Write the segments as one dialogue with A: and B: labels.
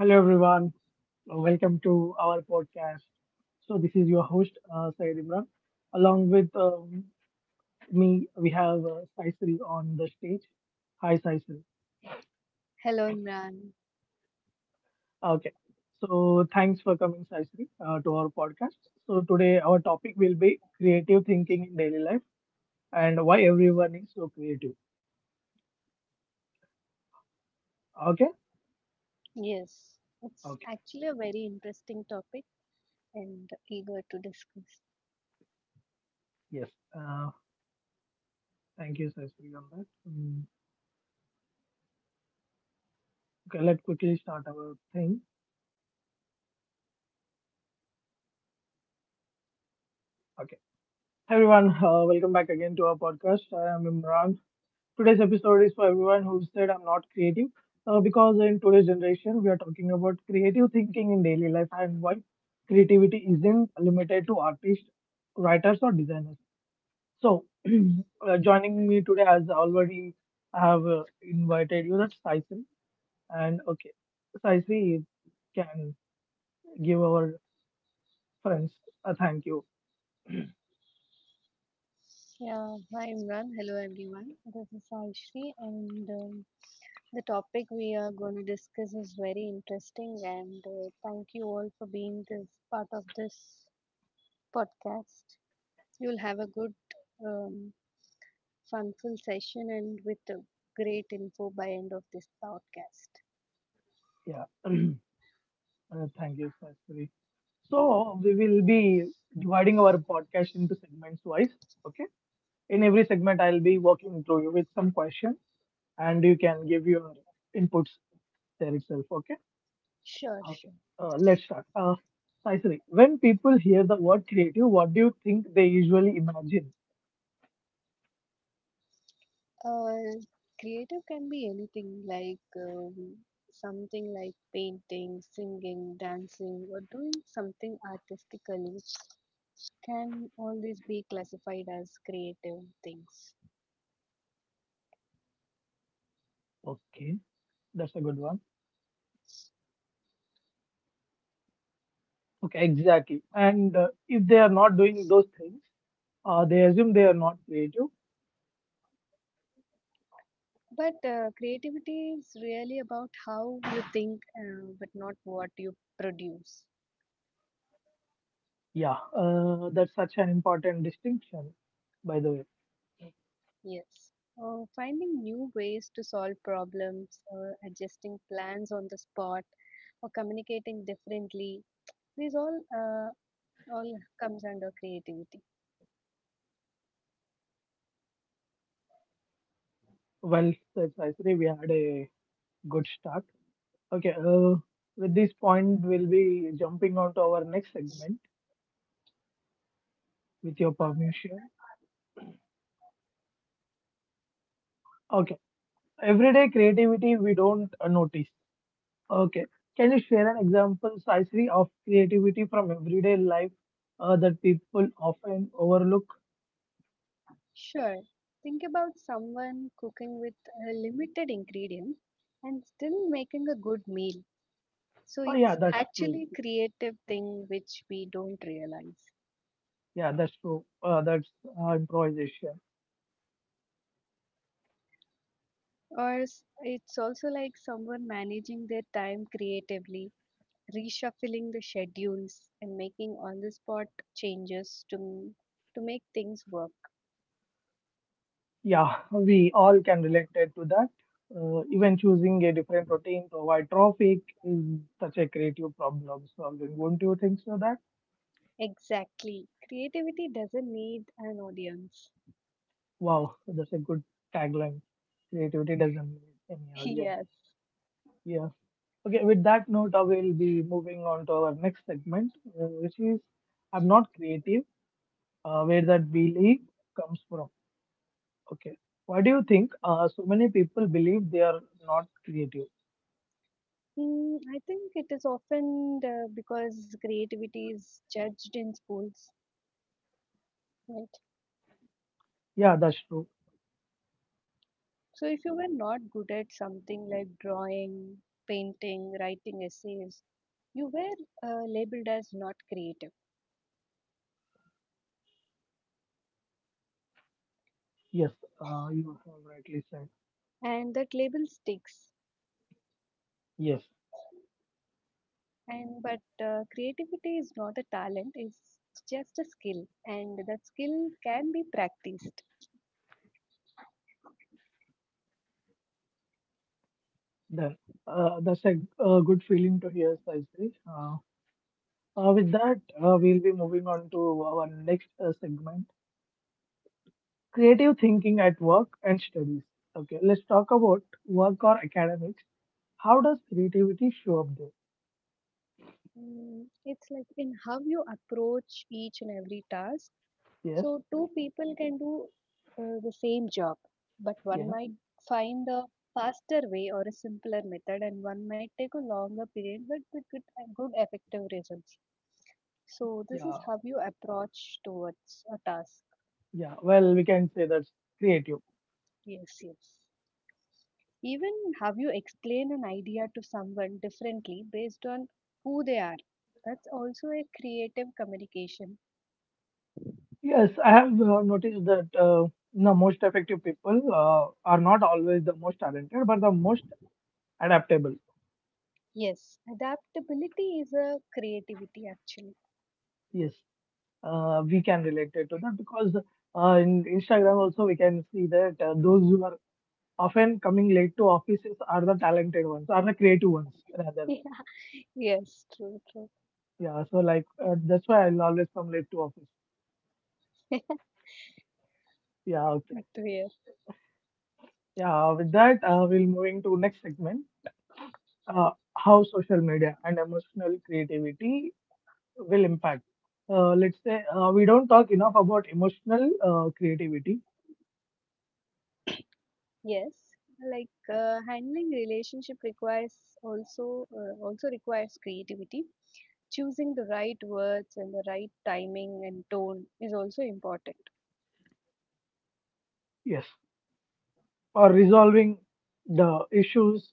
A: Hello, everyone. Welcome to our podcast. This is your host, Syed Imran. Along with me, we have Saisri on the stage. Hi, Saisri.
B: Hello, Imran.
A: Okay. So, thanks for coming, Saisri, to our podcast. So, today our topic will be creative thinking in daily life and why everyone is so creative. Okay.
B: Yes, it's
A: Okay.
B: actually a very interesting topic and eager to discuss.
A: Yes. Uh, thank you, Saisri, on that. Okay. Let's quickly start our thing. Okay. Hi everyone, welcome back again to our podcast. I am Imran. Today's episode is for everyone who said I'm not creative, because in today's generation we are talking about creative thinking in daily life and why creativity isn't limited to artists, writers, or designers. So, joining me today, as already I have invited you, that's Saisi. And okay, Saisi you can give our friends a thank you.
B: Yeah, hi, Imran. Hello, everyone. This is Aishri, and the topic we are going to discuss is very interesting. And thank you all for being this part of this podcast. You'll have a um, funful session and with a great info by end of this podcast.
A: Yeah. Thank you, Sastri. So we will be dividing our podcast into segments wise. Okay. In every segment, I'll be walking through you with some question, and you can give your inputs there itself. Okay.
B: Sure,
A: Okay.
B: sure.
A: Let's start. Sastri, when people hear the word creative, what do you think they usually imagine?
B: Uh, Creative can be anything like something like painting, singing, dancing, or doing something artistically can always be classified as creative things.
A: Okay, that's a good one. Okay, exactly. And if they are not doing those things, they assume they are not creative.
B: But creativity is really about how you think, but not what you produce.
A: Yeah, that's such an important distinction, by the way.
B: Yes. Finding new ways to solve problems, adjusting plans on the spot, or communicating differently. These all Oh, yeah, comes under creativity.
A: Well said, Saisri. We had a good start. Okay, with this point, we'll be jumping on to our next segment with your permission. Okay, everyday creativity we don't notice. Okay, can you share an example, Saisri, of creativity from everyday life that people often overlook?
B: Sure. Think about someone cooking with a limited ingredient and still making a good meal. So
A: Oh, yeah,
B: it's
A: that's true.
B: actually creative thing which we don't realize.
A: Yeah, that's true. That's improvisation.
B: It's also like someone managing their time creatively, reshuffling the schedules and making on the spot changes to m- to make things work.
A: Yeah, we all can relate it to that. Even choosing a different routine to avoid traffic is such a creative problem solving. Won't you think so? That
B: Exactly. Creativity doesn't need an audience.
A: wow, that's a good tagline. Creativity doesn't need any audience.
B: Yes.
A: Yeah. Okay. With that note, I will be moving on to our next segment, which is I'm not creative. Where that belief comes from. Okay. Why do you think so many people believe they are not creative?
B: Mm, I think it is often because creativity is judged in schools, right?
A: Yeah, that's true.
B: So if you were not good at something like drawing, painting, writing essays, you were labeled as not creative,
A: Yes, you have rightly said.
B: and that label sticks.
A: Yes,
B: And but creativity is not a talent; it's just a skill, and that skill can be practiced.
A: that that's a good feeling to hear, Saisri. With that, we'll be moving on to our next segment: creative thinking at work and studies. Okay, let's talk about work or academics. How does creativity show up there?
B: Mm, it's like in how you approach each and every task.
A: Yes,
B: So two people can do the same job, but one
A: yeah,
B: might find a faster way or a simpler method, and one might take a longer period, but with good effective results. So this is
A: yeah,
B: how you approach towards a task.
A: yeah. Well, we can say that's creative.
B: Yes, yes. Even how you explain an idea to someone differently based on who they are. That's also a creative communication.
A: Yes, I have noticed that the most effective people are not always the most talented, but the most adaptable.
B: Yes, adaptability is a creativity actually.
A: Yes, we can relate it to that because in Instagram also we can see that those who are often coming late to offices are the talented ones, are the creative ones rather.
B: Yes, true, true.
A: Yeah, so like that's why I'll always come late to office. Yeah, okay.
B: Good to hear.
A: Yeah, with that we'll moving to next segment, how social media and emotional creativity will impact. Let's say we don't talk enough about emotional creativity.
B: Yes, like handling relationship requires also requires creativity. Choosing the right words and the right timing and tone is also important.
A: Yes, or resolving the issues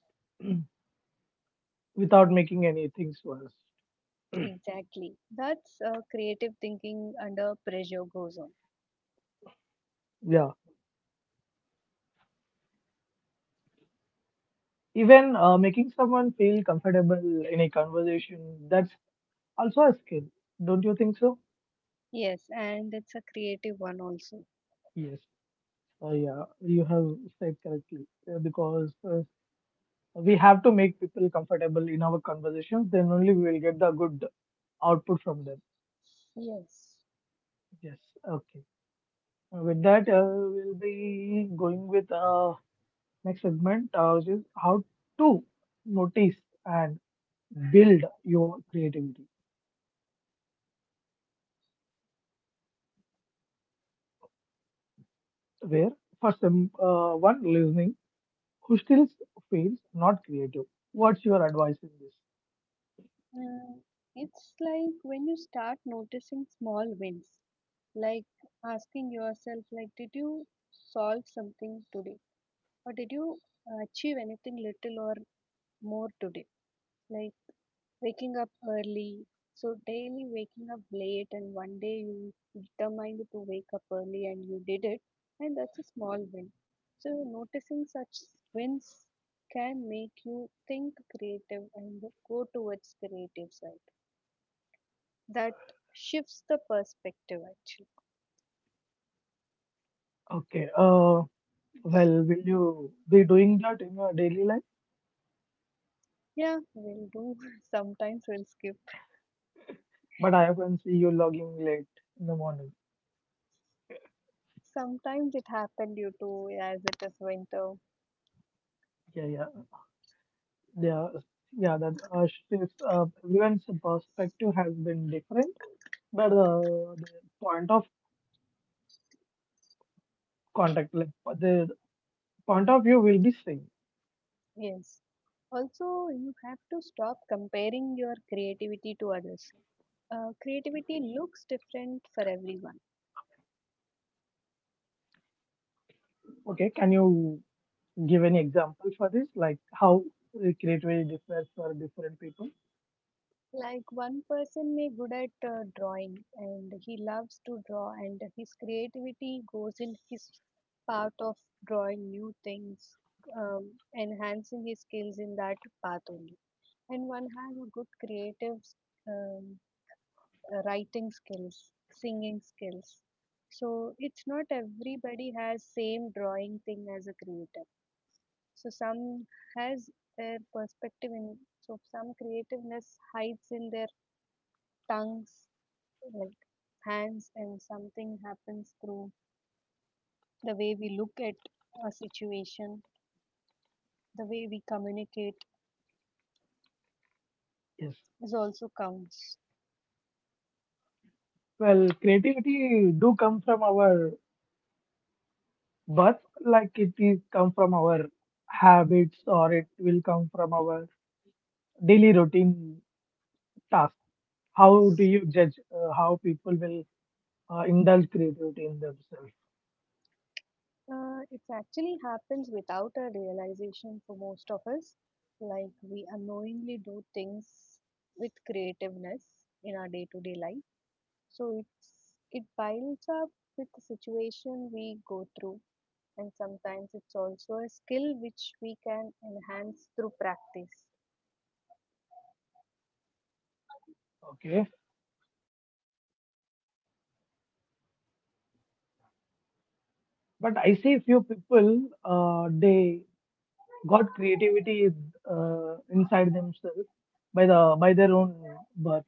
A: without making anything worse.
B: Exactly. That's creative thinking under pressure goes on.
A: Yeah, even making someone feel comfortable in a conversation, that's also a skill. Don't you think so?
B: Yes, and it's a creative one also.
A: Yes. Uh, yeah, you have said correctly because we have to make people comfortable in our conversations. Then only we will get the good output from them.
B: Yes.
A: Yes. Okay. With that, we'll be going with next segment, which is how to notice and build your creativity. Where for some one listening who still feels not creative, what's your advice in this?
B: Uh, it's like when you start noticing small wins, like asking yourself like did you solve something today? Or did you achieve anything little or more today? Like waking up early. So daily waking up late, and one day you determined to wake up early and you did it, and that's a small win. So noticing such wins can make you think creative and go towards creative side. That shifts the perspective actually.
A: Okay well, will you be doing that in your daily life?
B: Yeah, we'll do. Sometimes we'll skip.
A: But I often see you logging late in the morning.
B: Sometimes it happened due to as it is winter.
A: Yeah, yeah, yeah, yeah, that still, everyone's perspective has been different, but the point of contact, like the point of view will be same.
B: Yes. Also, you have to stop comparing your creativity to others. Creativity looks different for everyone.
A: Okay, can you give any example for this, like how creativity differs for different people?
B: Like one person may good at drawing and he loves to draw and his creativity goes in his part of drawing new things, um, enhancing his skills in that path only. And one has a good creative um, writing skills, singing skills. So it's not everybody has same drawing thing as a creator. So some has their perspective in so some creativeness hides in their tongues, like hands, and something happens through the way we look at a situation, the way we communicate
A: Yes.
B: is also counts.
A: Well, creativity do come from our birth, like it is come from our habits, or it will come from our daily routine task. How do you judge how people will indulge creativity in themselves?
B: It actually happens without a realization for most of us. Like we unknowingly do things with creativeness in our day-to-day life. So it piles up with the situation we go through, and sometimes it's also a skill which we can enhance through practice.
A: Okay. But I see few people, they got creativity inside themselves by the by their own birth.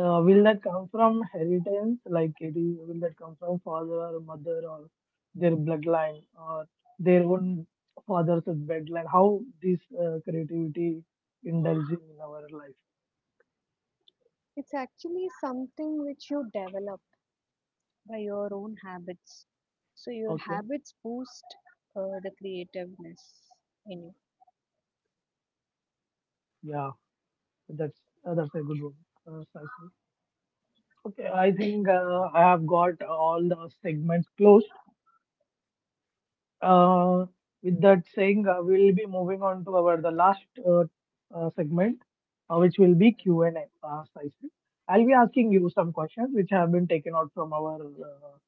A: Will that come from inheritance? Like it is, will that come from father or mother or their bloodline or their own father's bloodline? How this creativity indulging in our life?
B: It's actually something which you develop by your own habits. So your
A: Okay,
B: habits boost the creativeness in you.
A: yeah, that's that's a good one, Saishi. Okay, I think I have got all the segments closed. Uh, with that saying, we will be moving on to our the last segment, which will be Q and A. Session. I'll be asking you some questions which have been taken out from our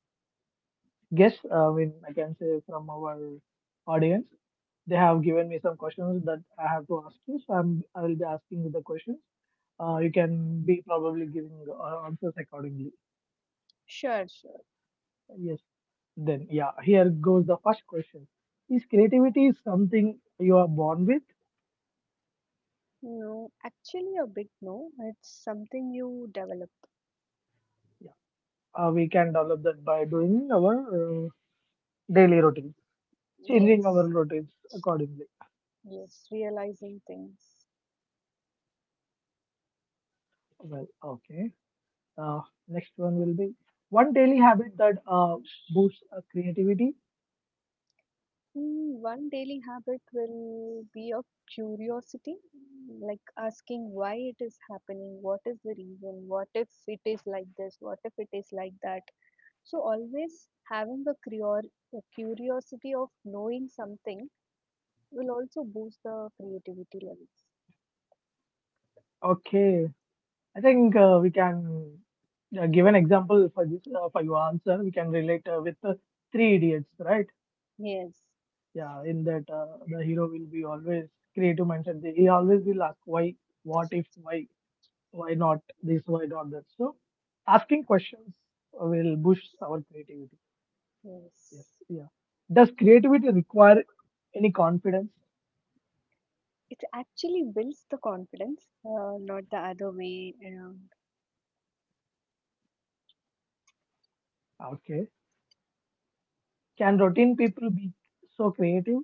A: guests. I mean, I can say from our audience, they have given me some questions that I have to ask you. So I will be asking you the questions. You can be probably giving answers accordingly.
B: Sure, sure.
A: Yes. Then yeah, here goes the first question. Is creativity something you are born with?
B: No, actually, a big no. It's something you develop.
A: Yeah. We can develop that by doing our daily routines, changing our
B: Yes,
A: routines accordingly.
B: yes, realizing things.
A: Well, okay. Uh, Next one will be one daily habit that boosts creativity.
B: Mm, one daily habit will be of curiosity, like asking why it is happening, what is the reason, what if it is like this, what if it is like that. So, always having a a curiosity of knowing something will also boost the creativity levels.
A: Okay, I think we can give an example for this for your answer. We can relate with three idiots, right?
B: Yes,
A: Yeah, in that the hero will be always creative mindset. He always will ask why, what if, why. Why not this, why not that. So asking questions will boost our creativity. Yes,
B: yes.
A: yeah. Does creativity require any confidence?
B: It actually builds the confidence, not the other way around.
A: Okay. Can routine people be so creative?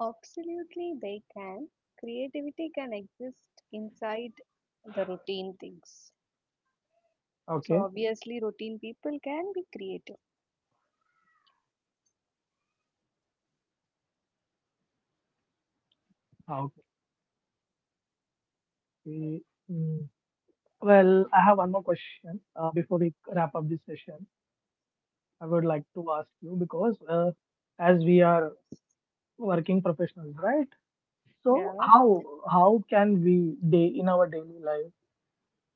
B: Absolutely, they can. Creativity can exist inside the routine things. So,
A: Okay.
B: obviously, routine people can be creative.
A: Okay. Mm. Well, I have one more question before we wrap up this session. I would like to ask you because as we are working professionals, right? So
B: Yeah,
A: how can we day in our daily life?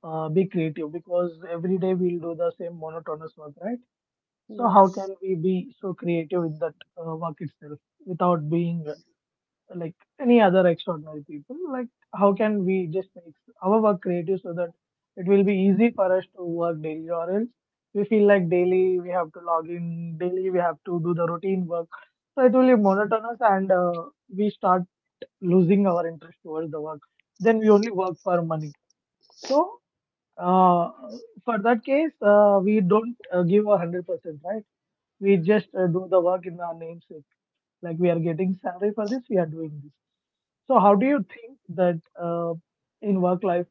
A: Be creative because every day we'll do the same monotonous work, right? So how
B: yes.
A: can we be so creative in that work itself without being like any other extraordinary people? Like how can we just make our work creative so that it will be easy for us to work daily, or else we feel like daily we have to log in, daily we have to do the routine work. So it will be monotonous, and we start losing our interest towards the work. Then we only work for money. So uh, for that case, we don't give 100%, right? We just do the work in our namesake. Like we are getting salary for this, we are doing this. So how do you think that in work life,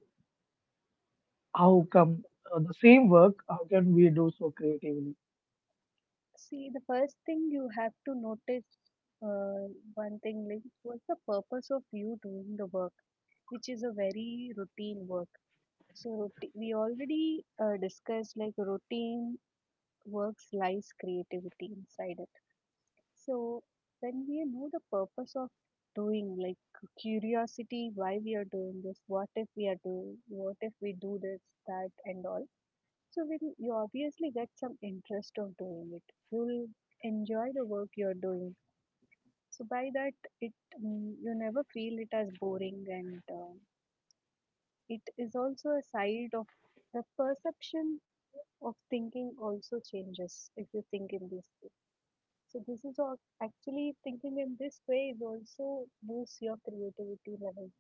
A: how come the same work, how can we do so creatively?
B: See, the first thing you have to notice, uh, one thing, like, what's the purpose of you doing the work, which is a very routine work. So, we already discussed like routine works lies creativity inside it, so when we know the purpose of doing, like curiosity, why we are doing this, what if we are doing, what if we do this, that and all. So when you obviously get some interest of doing it, you'll enjoy the work you're doing. So by that, it you never feel it as boring, and it is also a side of the perception of thinking also changes if you think in this way. So this is all actually thinking in this way is also boosts your creativity level.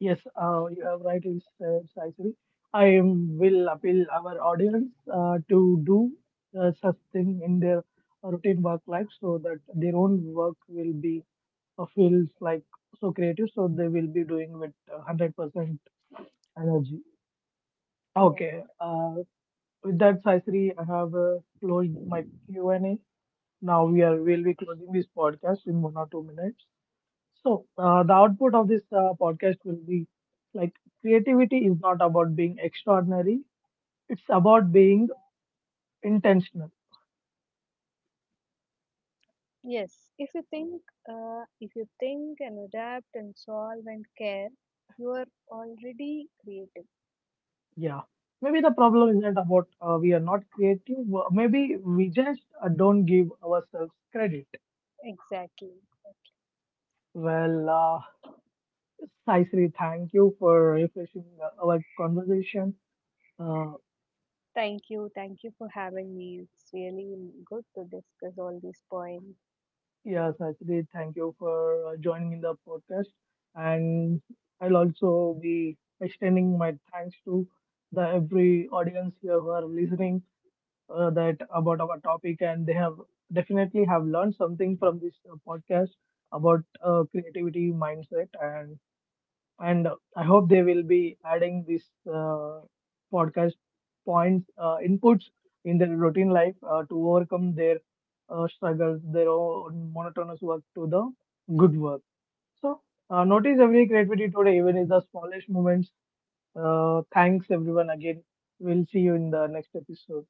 A: Yes, you have rightly said, Saisri. I will appeal our audience to do such thing in their routine work life so that their own work will be feels like so creative, so they will be doing with 100% energy.
B: Yeah.
A: Okay, with that, Saisri, I have closed my Q and A. Now we are will be closing this podcast in 1 or 2 minutes. So the output of this podcast will be like creativity is not about being extraordinary; it's about being intentional.
B: Yes. If you think and adapt and solve and care, you are already creative.
A: Yeah, maybe the problem isn't about we are not creative. Maybe we just don't give ourselves credit.
B: Exactly.
A: Well, Saisri, thank you for refreshing our conversation. Uh,
B: Thank you. Thank you for having me. It's really good to discuss all these points.
A: yeah, Saisri, thank you for joining in the podcast. And I'll also be extending my thanks to the every audience here who are listening that about our topic, and they have definitely have learned something from this podcast about creativity mindset. And I hope they will be adding this uh, podcast points inputs in their routine life to overcome their struggles, their own monotonous work to the good work. So notice every creativity today, even in the smallest moments. Thanks everyone again. We'll see you in the next episode.